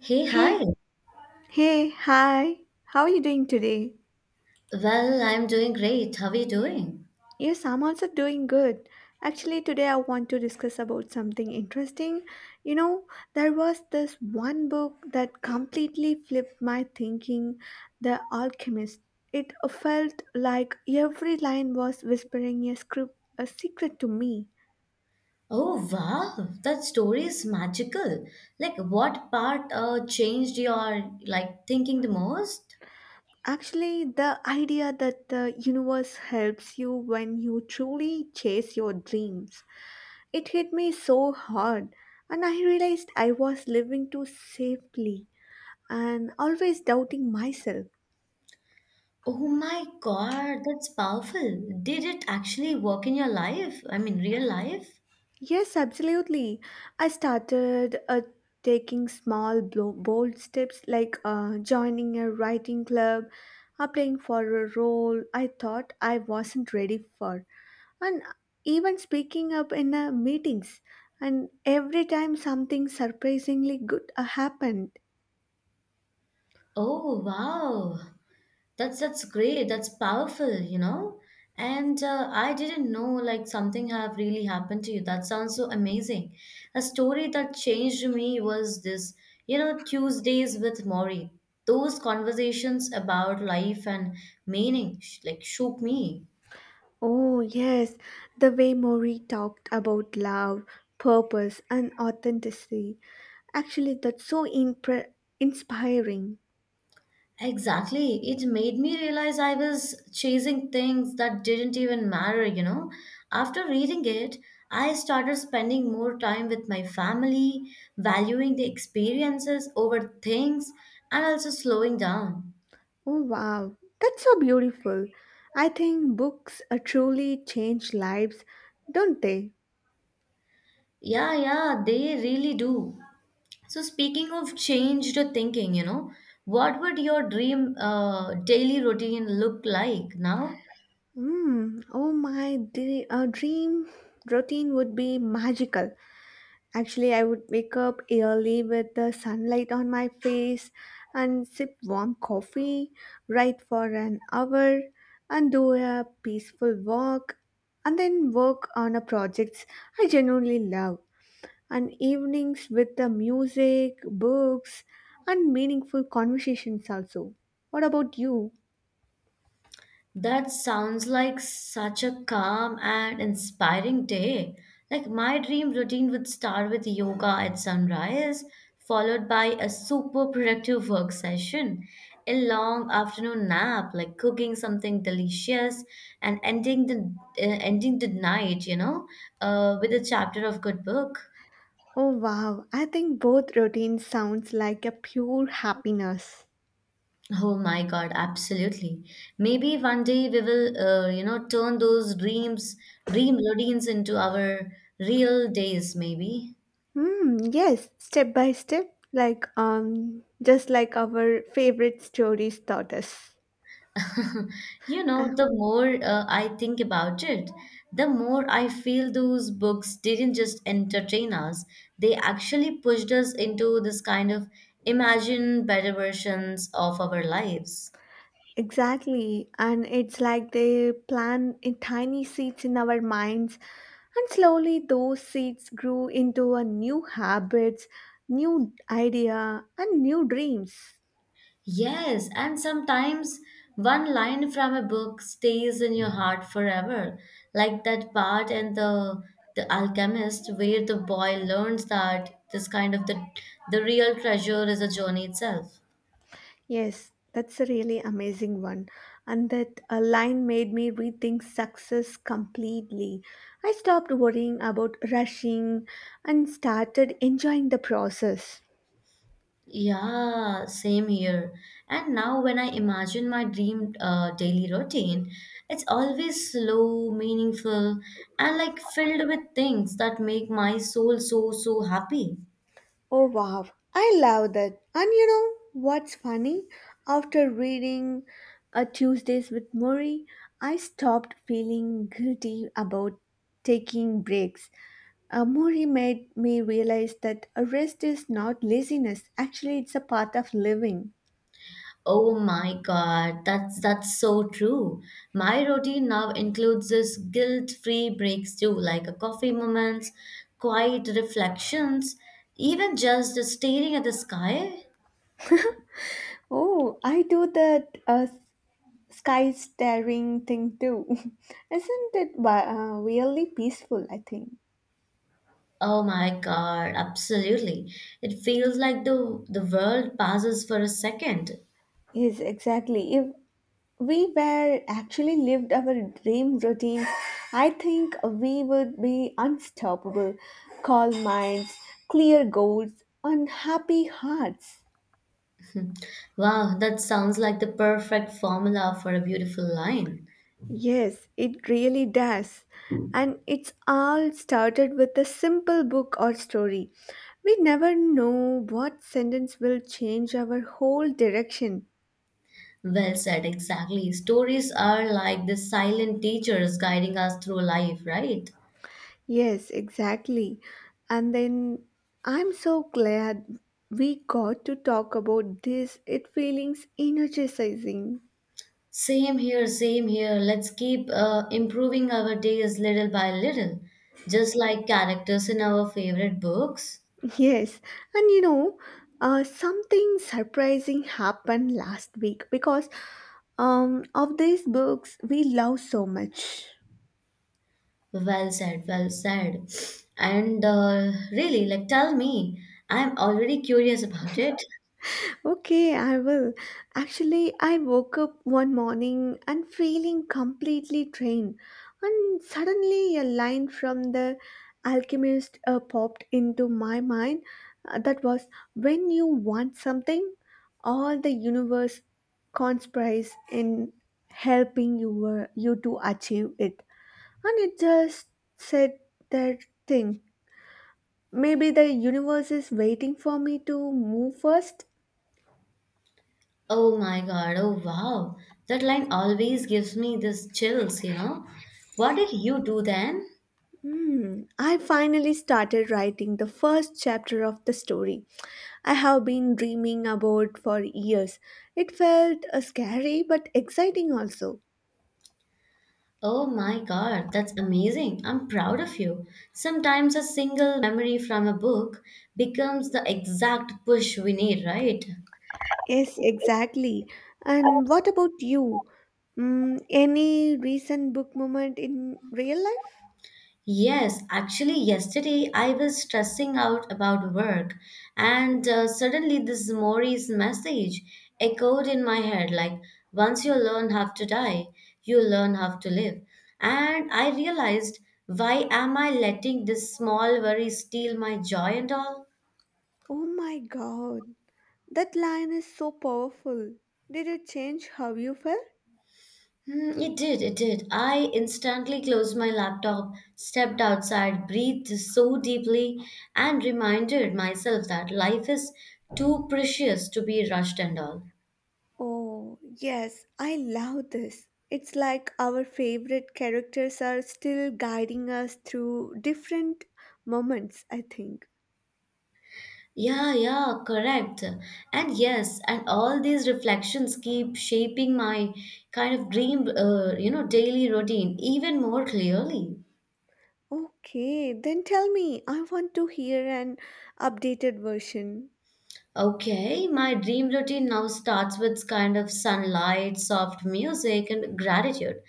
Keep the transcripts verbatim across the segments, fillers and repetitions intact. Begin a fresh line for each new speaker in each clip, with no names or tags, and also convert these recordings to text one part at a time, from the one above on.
Hey, hi.
Hey, hey, hi. How are you doing today?
Well, I'm doing great. How are you doing?
Yes, I'm also doing good. Actually, today I want to discuss about something interesting. You know, there was this one book that completely flipped my thinking, The Alchemist. It felt like every line was whispering a script, a secret to me.
Oh, wow. That story is magical. Like, what part uh, changed your like thinking the most?
Actually, the idea that the universe helps you when you truly chase your dreams. It hit me so hard, and I realized I was living too safely and always doubting myself.
Oh my God, that's powerful. Did it actually work in your life? I mean, real life?
Yes, absolutely. I started uh, taking small, blo- bold steps, like uh, joining a writing club, applying for a role I thought I wasn't ready for, and even speaking up in uh, meetings. And every time something surprisingly good uh, happened.
Oh, wow. That's that's great. That's powerful, you know. And uh, I didn't know like something have really happened to you. That sounds so amazing. A story that changed me was this, you know, Tuesdays with Maury. Those conversations about life and meaning sh- like shook me.
Oh, yes, the way Maury talked about love, purpose, and authenticity. Actually, that's so impre- inspiring.
Exactly. It made me realize I was chasing things that didn't even matter, you know. After reading it, I started spending more time with my family, valuing the experiences over things, and also slowing down.
Oh, wow, that's so beautiful. I think books uh, truly change lives, don't they?
Yeah, yeah, they really do. So, speaking of changed thinking, you know, what would your dream uh, daily routine look like now?
Mm, oh, my dre- uh, dream routine would be magical. Actually, I would wake up early with the sunlight on my face and sip warm coffee, write for an hour, and do a peaceful walk, and then work on a projects I genuinely love. And evenings with the music, books, and meaningful conversations also. What about you?
That sounds like such a calm and inspiring day. Like my dream routine would start with yoga at sunrise, followed by a super productive work session, a long afternoon nap, like cooking something delicious, and ending the uh, ending the night, you know, uh, with a chapter of good book.
Oh, wow, I think both routines sounds like a pure happiness.
Oh my God, absolutely. Maybe one day we will, uh, you know, turn those dreams, dream routines into our real days, maybe.
Mm, yes, step by step, like um, just like our favorite stories taught us.
You
Uh,
know, the more uh, I think about it, the more I feel those books didn't just entertain us, they actually pushed us into this kind of imagine better versions of our lives.
exactly, and it's like they plant in tiny seeds in our minds, and slowly those seeds grew into a new habits, new idea, and new dreams.
Yes, and sometimes one line from a book stays in your heart forever, like that part in the the alchemist where the boy learns that this kind of the the real treasure is a journey itself.
Yes, that's a really amazing one. And that uh, line made me rethink success completely. I stopped worrying about rushing and started enjoying the process.
Yeah, same here. And now, when I imagine my dream uh, daily routine, it's always slow, meaningful, and like filled with things that make my soul so, so happy.
Oh, wow. I love that. And you know what's funny? After reading uh, Tuesdays with Murray, I stopped feeling guilty about taking breaks. A Mori made me realize that a rest is not laziness. Actually, it's a part of living.
Oh my God, that's that's so true. My routine now includes this guilt-free breaks too, like a coffee moments, quiet reflections, even just staring at the sky.
Oh, I do that uh, sky staring thing too. Isn't it wi- uh, really peaceful? I think.
Oh my God, absolutely. It feels like the the world passes for a second.
Yes, exactly. If we were actually lived our dream routines, I think we would be unstoppable, calm minds, clear goals, and happy hearts.
Wow, that sounds like the perfect formula for a beautiful line.
Yes, it really does. And it's all started with a simple book or story. We never know what sentence will change our whole direction.
Well said, exactly. Stories are like the silent teachers guiding us through life, right?
Yes, exactly. And then I'm so glad we got to talk about this. It feelings energizing.
Same here, same here. Let's keep uh, improving our days little by little, just like characters in our favorite books.
Yes, and you know, uh, something surprising happened last week, because Um, of these books we love so much.
Well said, well said. And uh, really, like, tell me, I'm already curious about it.
Okay, I will. Actually, I woke up one morning and feeling completely drained, and suddenly a line from The Alchemist uh, popped into my mind. Uh, that was, when you want something, all the universe conspires in helping you, uh, you to achieve it. And it just said that thing. Maybe the universe is waiting for me to move first.
Oh my God, oh wow. That line always gives me this chills, you know. What did you do then?
Hmm, I finally started writing the first chapter of the story I have been dreaming about for years. It felt uh, scary but exciting also.
Oh my God, that's amazing. I'm proud of you. Sometimes a single memory from a book becomes the exact push we need, right?
Yes, exactly. And what about you? Mm, any recent book moment in real life?
Yes, actually, yesterday I was stressing out about work, and uh, suddenly this Mori's message echoed in my head like, once you learn how to die, you learn how to live. And I realized, why am I letting this small worry steal my joy and all?
Oh my God, that line is so powerful. Did it change how you felt?
Hmm, it did, it did. I instantly closed my laptop, stepped outside, breathed so deeply, and reminded myself that life is too precious to be rushed and all.
Oh, yes, I love this. It's like our favorite characters are still guiding us through different moments, I think.
Yeah, yeah, correct. And yes, and all these reflections keep shaping my kind of dream, uh, you know, daily routine even more clearly.
Okay, then tell me, I want to hear an updated version.
Okay, my dream routine now starts with kind of sunlight, soft music, and gratitude.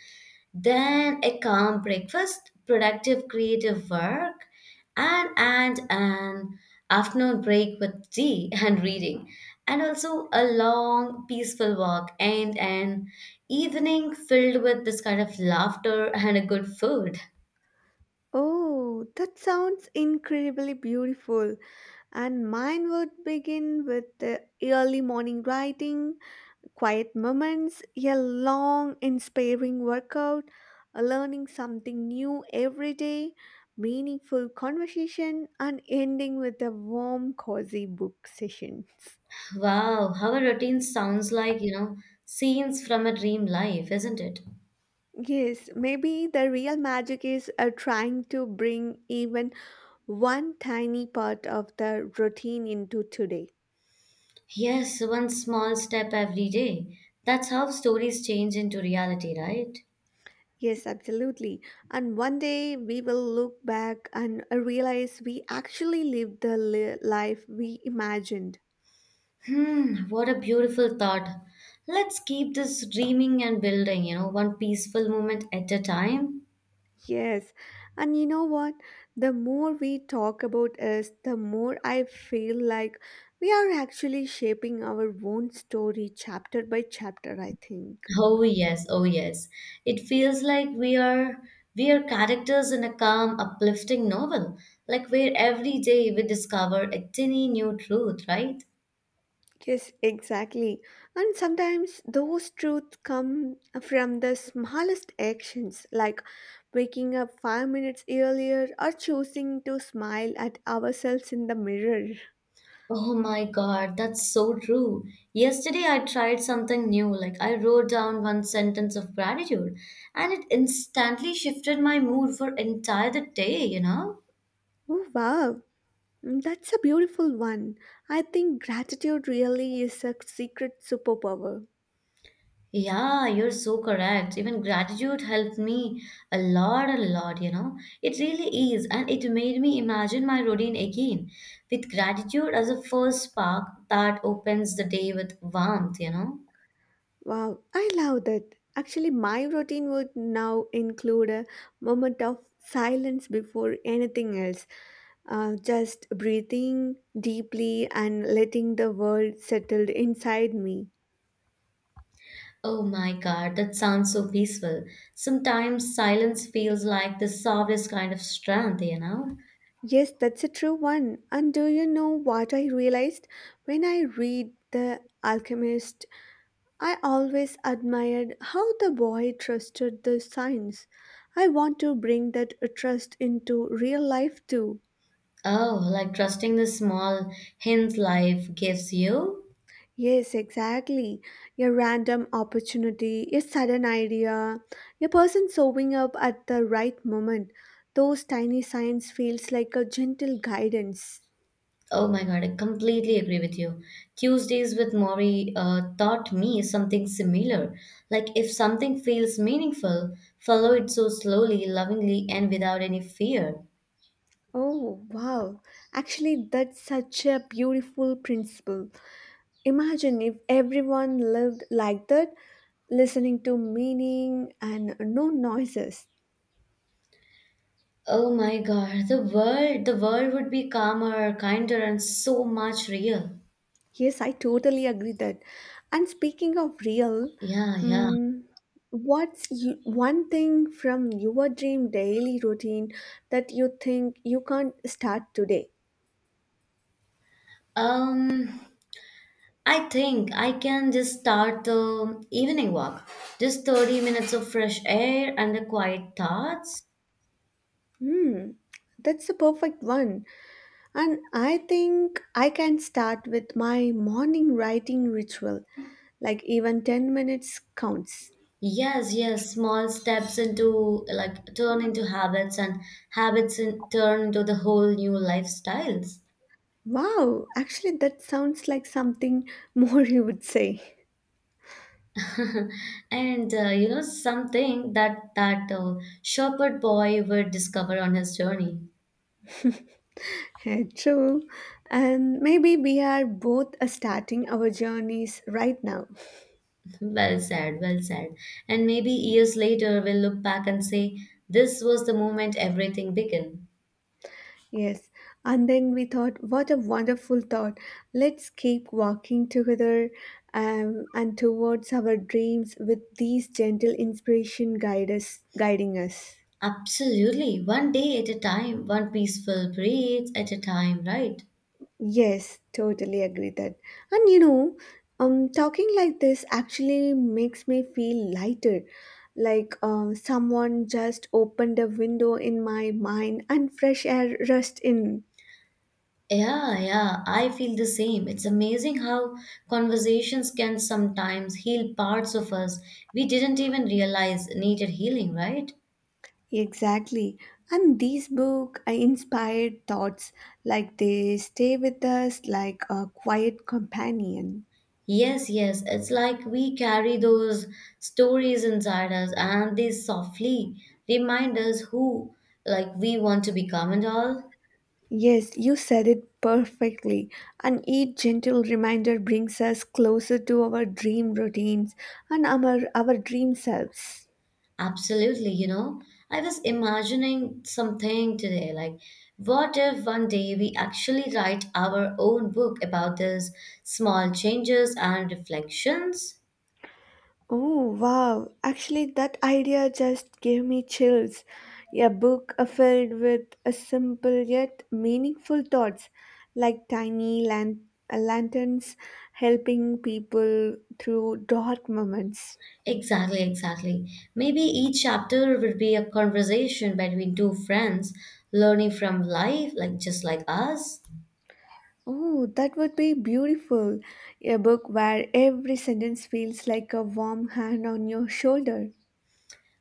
Then a calm breakfast, productive creative work, and and an afternoon break with tea and reading, and also a long peaceful walk and an evening filled with this kind of laughter and a good food.
Oh, that sounds incredibly beautiful. And mine would begin with the early morning writing, quiet moments, a long, inspiring workout, a learning something new every day, meaningful conversation, and ending with a warm, cozy book session.
Wow, how a routine sounds like, you know, scenes from a dream life, isn't it?
Yes, maybe the real magic is uh, trying to bring even one tiny part of the routine into today.
Yes, one small step every day. That's how stories change into reality, right?
Yes, absolutely. And one day we will look back and uh, realize we actually lived the li- life we imagined.
Hmm, what a beautiful thought. Let's keep this dreaming and building, you know, one peaceful moment at a time.
Yes, and you know what? The more we talk about us, the more I feel like we are actually shaping our own story chapter by chapter, I think.
Oh yes, oh yes. It feels like we are we are characters in a calm, uplifting novel, like where every day we discover a tiny new truth, right?
Yes, exactly. And sometimes those truths come from the smallest actions, like waking up five minutes earlier or choosing to smile at ourselves in the mirror.
Oh my God, that's so true. Yesterday I tried something new, like I wrote down one sentence of gratitude, and it instantly shifted my mood for entire the day, you know?
Oh, wow. Mm, that's a beautiful one. I think gratitude really is a secret superpower.
Yeah, you're so correct. Even gratitude helped me a lot, a lot, you know. It really is, and it made me imagine my routine again with gratitude as a first spark that opens the day with warmth, you know.
Wow, I love that. Actually, my routine would now include a moment of silence before anything else. Uh, just breathing deeply and letting the world settle inside me.
Oh my God, that sounds so peaceful. Sometimes silence feels like the softest kind of strength, you know.
Yes, that's a true one. And do you know what I realized? When I read The Alchemist, I always admired how the boy trusted the signs. I want to bring that trust into real life too.
Oh, like trusting the small hints life gives you.
Yes, exactly. A random opportunity, a sudden idea, a person showing up at the right moment. Those tiny signs feels like a gentle guidance.
Oh my God, I completely agree with you. Tuesdays with Maury uh, taught me something similar. Like, if something feels meaningful, follow it so slowly, lovingly, and without any fear.
Oh, wow. Actually, that's such a beautiful principle. Imagine if everyone lived like that, listening to meaning and no noises.
Oh my God, the world, the world would be calmer, kinder, and so much real.
Yes, I totally agree that. And speaking of real,
Yeah, yeah.
um, what's you, one thing from your dream daily routine that you think you can't start today?
Um, I think I can just start the evening walk. Just thirty minutes of fresh air and the quiet thoughts.
Hmm, that's the perfect one. And I think I can start with my morning writing ritual, like even ten minutes counts.
Yes, yes, small steps into like turn into habits and habits in turn into the whole new lifestyles.
Wow, actually, that sounds like something more you would say.
and uh, you know something that that uh, shepherd boy would discover on his journey.
Yeah, true. And maybe we are both uh, starting our journeys right now.
Well said, well said. And maybe years later we'll look back and say this was the moment everything began.
Yes. And then we thought, what a wonderful thought. Let's keep walking together, um, and towards our dreams with these gentle inspiration guide us, guiding us.
Absolutely. One day at a time, one peaceful breath at a time, right?
Yes, totally agree that. And you know, um, talking like this actually makes me feel lighter. Like uh, someone just opened a window in my mind and fresh air rushed in.
Yeah, yeah, I feel the same. It's amazing how conversations can sometimes heal parts of us we didn't even realize needed healing, right?
Exactly. And these book uh, inspired thoughts, like they stay with us like a quiet companion.
Yes, yes, it's like we carry those stories inside us and they softly remind us who like we want to become and all.
Yes, you said it perfectly. And each gentle reminder brings us closer to our dream routines and our, our dream selves.
Absolutely, you know, I was imagining something today like, what if one day we actually write our own book about these small changes and reflections?
Oh, wow. Actually, that idea just gave me chills. A book uh, filled with a simple yet meaningful thoughts, like tiny lan- uh, lanterns helping people through dark moments.
Exactly, exactly. Maybe each chapter would be a conversation between two friends learning from life, like just like us.
Oh, that would be beautiful. A book where every sentence feels like a warm hand on your shoulder.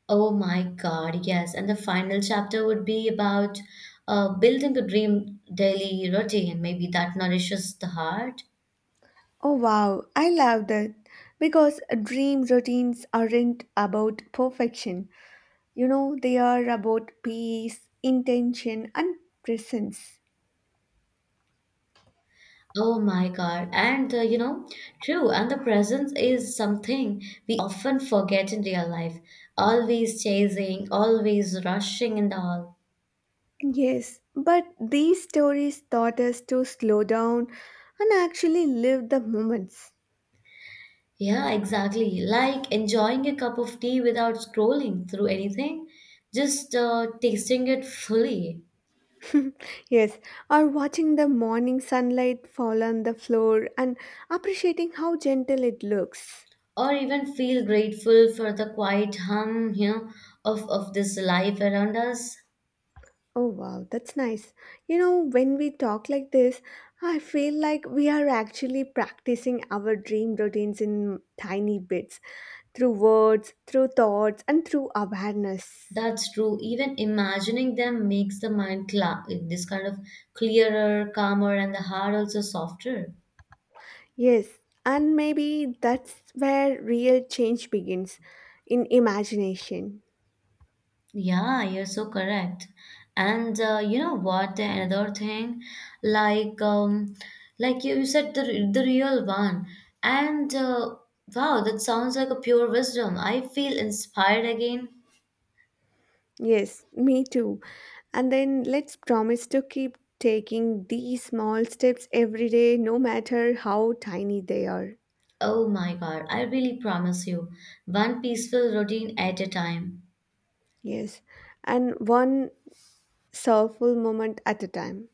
Oh my God, yes. And the final chapter would be about uh, building a dream daily routine. Maybe that nourishes the heart.
Oh, wow, I love that. Because dream routines aren't about perfection. You know, they are about peace, intention, and presence.
Oh my God. And uh, you know, true, and the presence is something we often forget in real life. Always chasing, always rushing, and all.
Yes, but these stories taught us to slow down and actually live the moments.
Yeah, exactly. Like enjoying a cup of tea without scrolling through anything, just uh, tasting it fully.
Yes, or watching the morning sunlight fall on the floor and appreciating how gentle it looks.
Or even feel grateful for the quiet hum, you know, of, of this life around us.
Oh, wow, that's nice. You know, when we talk like this, I feel like we are actually practicing our dream routines in tiny bits through words, through thoughts, and through awareness.
That's true. Even imagining them makes the mind cla- like, this kind of clearer, calmer, and the heart also softer.
Yes, and maybe that's where real change begins, in imagination.
Yeah, you're so correct. And uh, you know what? The another thing, like um, like you said, the the real one. And uh, wow, that sounds like a pure wisdom. I feel inspired again.
Yes, me too. And then let's promise to keep taking these small steps every day, no matter how tiny they are.
Oh my God! I really promise you, one peaceful routine at a time.
Yes, and one soulful moment at a time.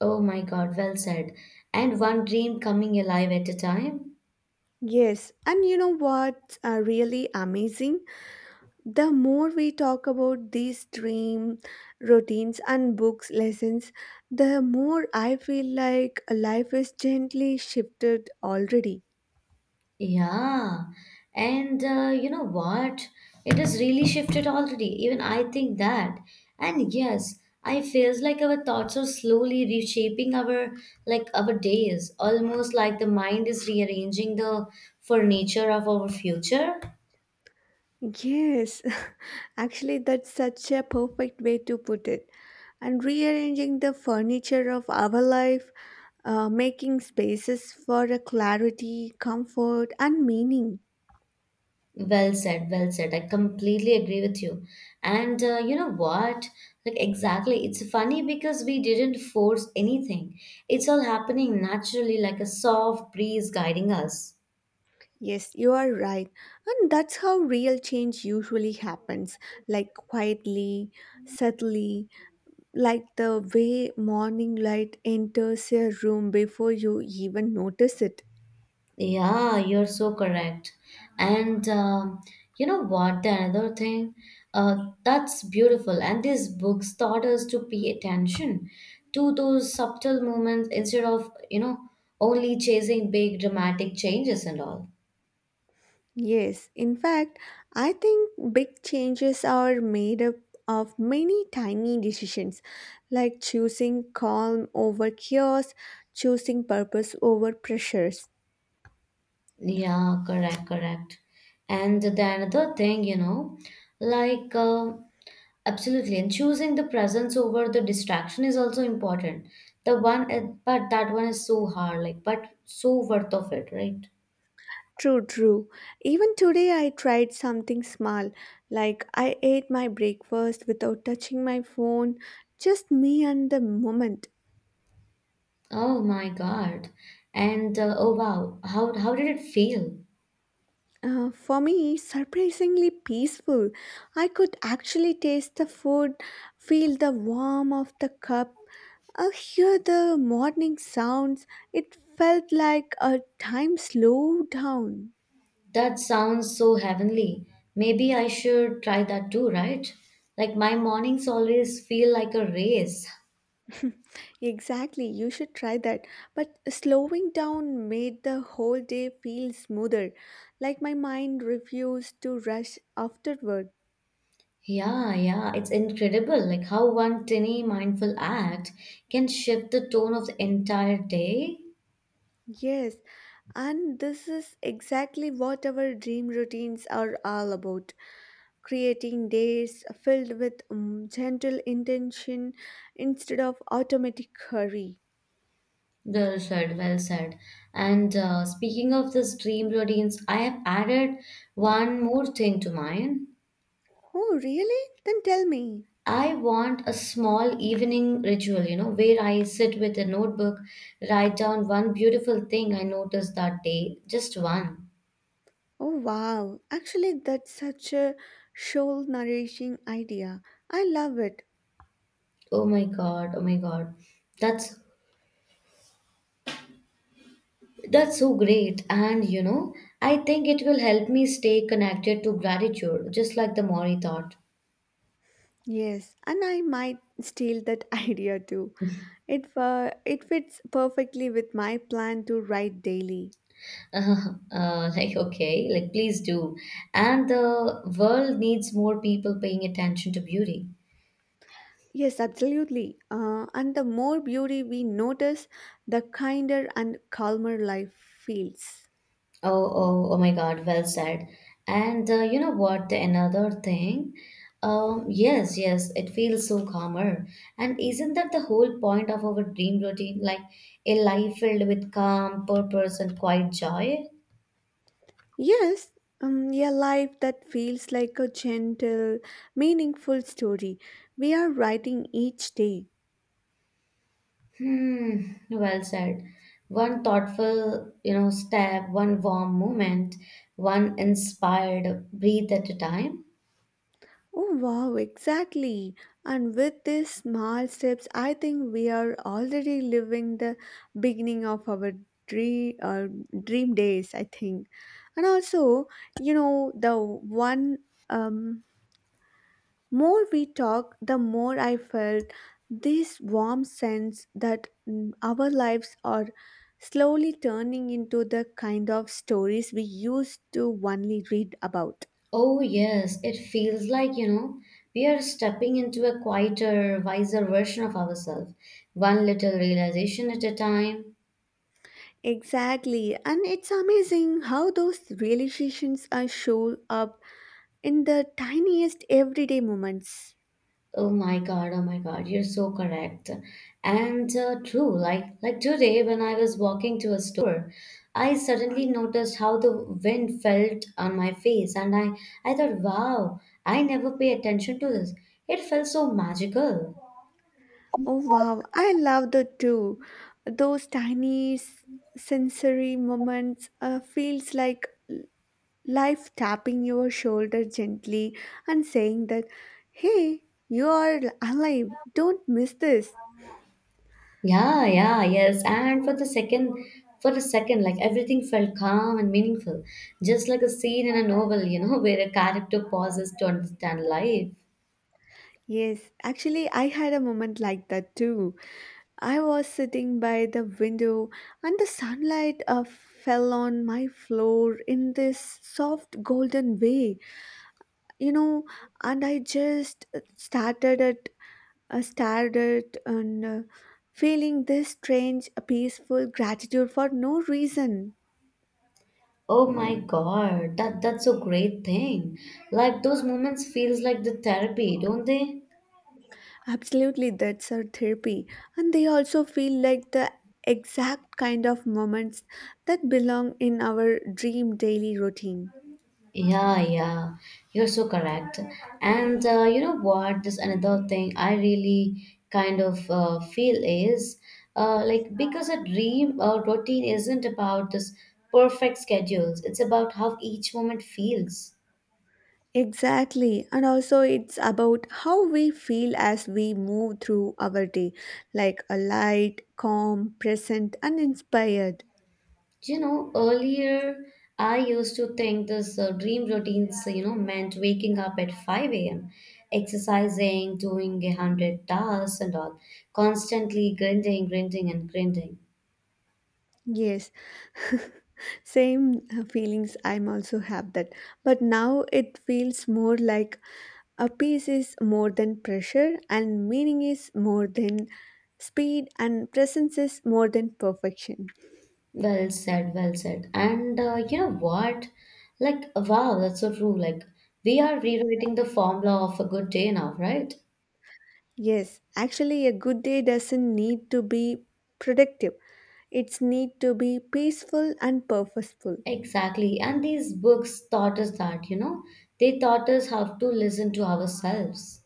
Oh my God, well said. And one dream coming alive at a time.
Yes, and you know what's uh, really amazing? The more we talk about these dream routines and books lessons, the more I feel like life is gently shifted already.
Yeah. And uh, you know what? It has really shifted already. Even I think that. And yes, I feels like our thoughts are slowly reshaping our like our days, almost like the mind is rearranging the furniture of our future.
Yes, actually, that's such a perfect way to put it, and rearranging the furniture of our life, uh, making spaces for a clarity, comfort, and meaning.
Well said, well said. I completely agree with you. And uh, you know what? Like, exactly. It's funny because we didn't force anything, it's all happening naturally, like a soft breeze guiding us.
Yes, you are right. And that's how real change usually happens, like quietly, subtly, like the way morning light enters a room before you even notice it.
Yeah, you're so correct. And um, you know what? The another thing uh, that's beautiful, and these books taught us to pay attention to those subtle moments instead of, you know, only chasing big dramatic changes and all.
Yes, in fact, I think big changes are made up of many tiny decisions, like choosing calm over chaos, choosing purpose over pressures.
Yeah, correct, correct. And the another thing, you know, like um absolutely, and choosing the presence over the distraction is also important. The one, uh, but that one is so hard, like, but so worth of it, right?
True, true. Even today, I tried something small, like I ate my breakfast without touching my phone, just me and the moment.
Oh my God. And uh, oh wow, how how did it feel?
Uh, for me, surprisingly peaceful. I could actually taste the food, feel the warmth of the cup, uh, hear the morning sounds. It felt like a time slowed down.
That sounds so heavenly. Maybe I should try that too, right? Like my mornings always feel like a race.
Exactly, you should try that. But slowing down made the whole day feel smoother, like my mind refused to rush afterward.
Yeah, yeah, it's incredible like how one tiny mindful act can shift the tone of the entire day.
Yes, and this is exactly what our dream routines are all about, creating days filled with um, gentle intention instead of automatic hurry.
Well said, well said. And uh, speaking of this dream routines, I have added one more thing to mine.
Oh, really? Then tell me.
I want a small evening ritual, you know, where I sit with a notebook, write down one beautiful thing I noticed that day, just one.
Oh, wow. Actually, that's such a soul nourishing idea. I love it.
Oh my God, oh my God. That's That's so great. And you know, I think it will help me stay connected to gratitude, just like the Mori thought.
Yes, and I might steal that idea too. It, uh, it fits perfectly with my plan to write daily.
Uh, like, okay, like, please do. And the world needs more people paying attention to beauty.
Yes, absolutely. Uh, and the more beauty we notice, the kinder and calmer life feels.
Oh, oh, oh my God, well said. And uh, you know what? Another thing. Um, yes, yes, it feels so calmer. And isn't that the whole point of our dream routine? Like a life filled with calm, purpose, and quiet joy?
Yes, um, a life that feels like a gentle, meaningful story. We are writing each day.
Hmm, well said. One thoughtful, you know, step, one warm moment, one inspired breath at a time.
Oh, wow, exactly. And with these small steps, I think we are already living the beginning of our dream, uh, dream days, I think. And also, you know, the one. Um, More we talked, the more I felt this warm sense that mm, our lives are slowly turning into the kind of stories we used to only read about.
Oh yes, it feels like, you know, we are stepping into a quieter, wiser version of ourselves, one little realization at a time.
Exactly, and it's amazing how those realizations are show up in the tiniest everyday moments.
Oh my God, oh my God, you're so correct. And uh, true, like like today when I was walking to a store, I suddenly noticed how the wind felt on my face and I I thought, wow, I never pay attention to this. It felt so magical.
Oh wow, I love that too. Those tiny s- sensory moments uh, feels like life tapping your shoulder gently and saying that, "Hey, you are alive, don't miss this."
Yeah, yeah, yes. And for the second for a second, like everything felt calm and meaningful, just like a scene in a novel, you know, where a character pauses to understand life.
Yes, actually, I had a moment like that too. I was sitting by the window and the sunlight uh, fell on my floor in this soft golden way, you know, and I just uh, started at, uh, stared at and uh, feeling this strange, uh, peaceful gratitude for no reason.
Oh my God, that that's a great thing. Like those moments feels like the therapy, don't they?
Absolutely, that's our therapy. And they also feel like the exact kind of moments that belong in our dream daily routine.
Yeah, yeah, you're so correct. And uh, you know what? This another thing I really kind of uh, feel is uh, like because a dream uh, routine isn't about this perfect schedules. It's about how each moment feels.
Exactly. And also, it's about how we feel as we move through our day, like a light, calm, present, and inspired.
You know, earlier I used to think this uh, dream routines, you know, meant waking up at five a m, exercising, doing a hundred tasks and all, constantly grinding, grinding, and grinding.
Yes, same uh, feelings I'm also have that. But now it feels more like a piece is more than pressure and meaning is more than speed and presence is more than perfection.
Well said, well said. And uh, you know what? Like, wow, that's so true. Like, we are rewriting the formula of a good day now, right?
Yes, actually a good day doesn't need to be productive. It's need to be peaceful and purposeful.
Exactly. And these books taught us that, you know, they taught us how to listen to ourselves.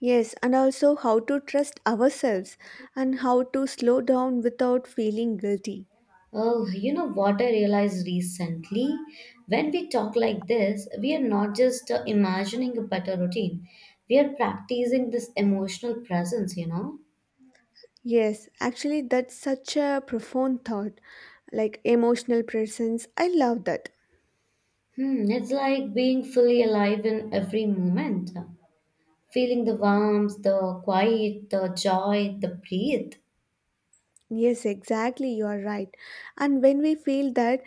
Yes, and also how to trust ourselves and how to slow down without feeling guilty.
Oh, you know what I realized recently? When we talk like this, we are not just uh, imagining a better routine, we are practicing this emotional presence, you know?
Yes, actually, that's such a profound thought. Like emotional presence, I love that.
Hmm, it's like being fully alive in every moment, feeling the warmth, the quiet, the joy, the breathe.
Yes, exactly, you are right. And when we feel that,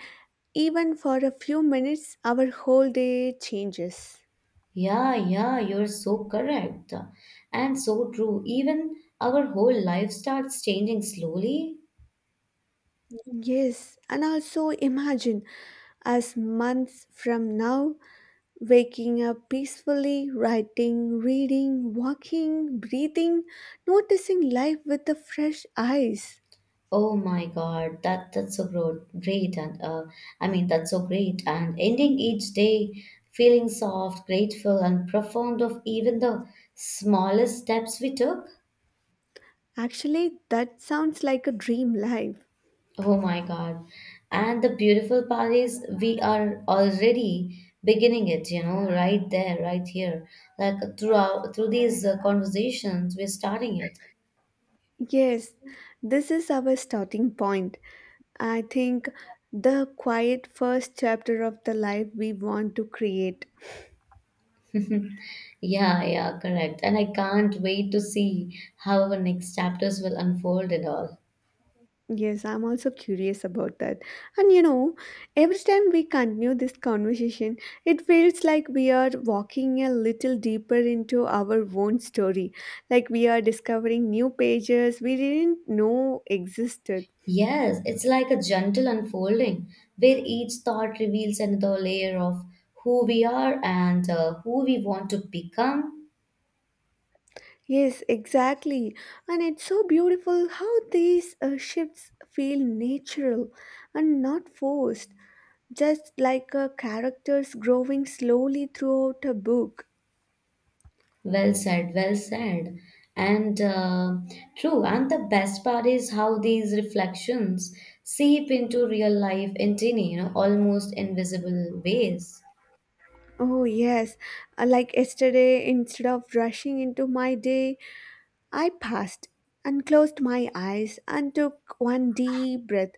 even for a few minutes, our whole day changes.
Yeah, yeah, you're so correct and so true. Even our whole life starts changing slowly.
Yes, and also imagine us months from now waking up peacefully, writing, reading, walking, breathing, noticing life with the fresh eyes.
Oh my God, that that's so great, great, and uh, I mean that's so great. And ending each day feeling soft, grateful, and profound of even the smallest steps we took.
Actually, that sounds like a dream life.
Oh my God, and the beautiful part is we are already beginning it. You know, right there, right here. Like through our, through these uh, conversations, we're starting it.
Yes, this is our starting point. I think the quiet first chapter of the life we want to create.
Yeah, yeah, correct. And I can't wait to see how our next chapters will unfold and all.
Yes, I'm also curious about that. And you know, every time we continue this conversation, it feels like we are walking a little deeper into our own story. Like we are discovering new pages we didn't know existed.
Yes, it's like a gentle unfolding where each thought reveals another layer of who we are and uh, who we want to become.
Yes, exactly. And it's so beautiful how these uh, shifts feel natural and not forced, just like uh, characters growing slowly throughout a book.
Well said, well said. And uh, true, and the best part is how these reflections seep into real life in tiny, you know, almost invisible ways.
Oh, yes. Uh, like yesterday, instead of rushing into my day, I passed and closed my eyes and took one deep breath.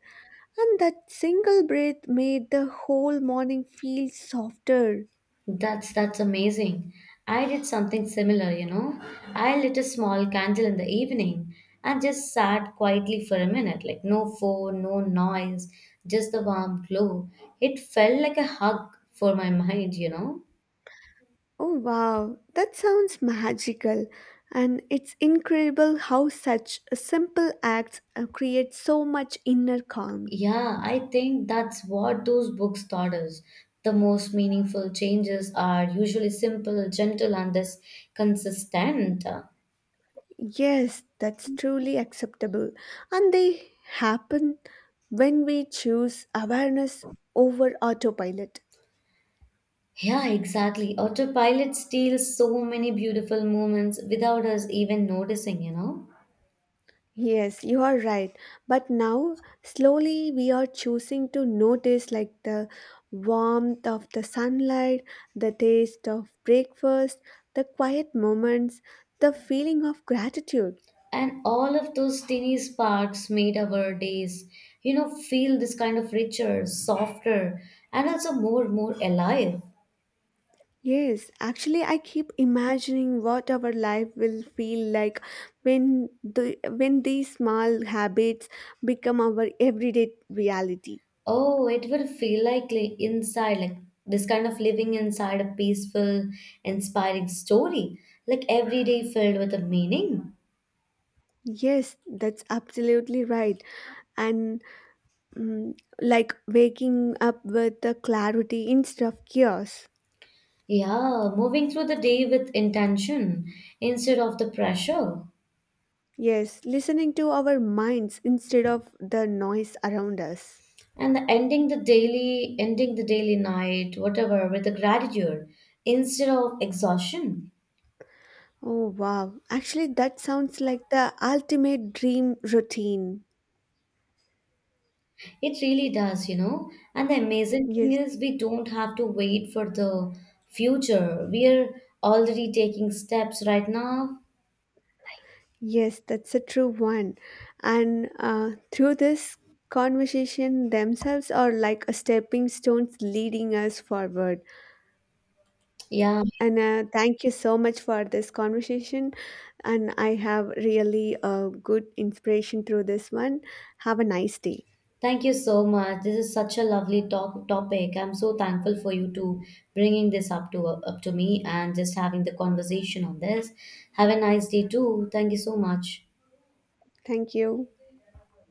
And that single breath made the whole morning feel softer.
That's that's amazing. I did something similar, you know. I lit a small candle in the evening and just sat quietly for a minute, like no phone, no noise, just the warm glow. It felt like a hug for my mind, you know.
Oh wow, that sounds magical. And it's incredible how such a simple acts uh, create so much inner calm.
Yeah, I think that's what those books taught us. The most meaningful changes are usually simple, gentle, and this consistent.
Yes, that's truly acceptable. And they happen when we choose awareness over autopilot.
Yeah, exactly. Autopilot steals so many beautiful moments without us even noticing, you know?
Yes, you are right. But now, slowly, we are choosing to notice like the warmth of the sunlight, the taste of breakfast, the quiet moments, the feeling of gratitude.
And all of those tiny sparks made our days, you know, feel this kind of richer, softer, and also more, more alive.
Yes, actually, I keep imagining what our life will feel like when the when these small habits become our everyday reality.
Oh, it will feel like li- inside, like this kind of living inside a peaceful, inspiring story, like every day filled with a meaning.
Yes, that's absolutely right. And, mm, like waking up with the clarity instead of chaos.
Yeah, moving through the day with intention instead of the pressure.
Yes, listening to our minds instead of the noise around us.
And the ending the daily ending the daily night whatever with the gratitude instead of exhaustion.
Oh, wow. Actually, that sounds like the ultimate dream routine.
It really does, you know, and the amazing thing
Yes,
is we don't have to wait for the future. We are already taking steps right now.
yes, that's a true one. And uh, through this conversation, themselves are like a stepping stones leading us forward.
Yeah,
And uh, thank you so much for this conversation. And I have really a good inspiration through this one. Have a nice day.
thank you so much. This is such a lovely talk topic. I'm so thankful for you to bringing this up to up to me and just having the conversation on this. Have a nice day too. Thank you so much.
Thank you.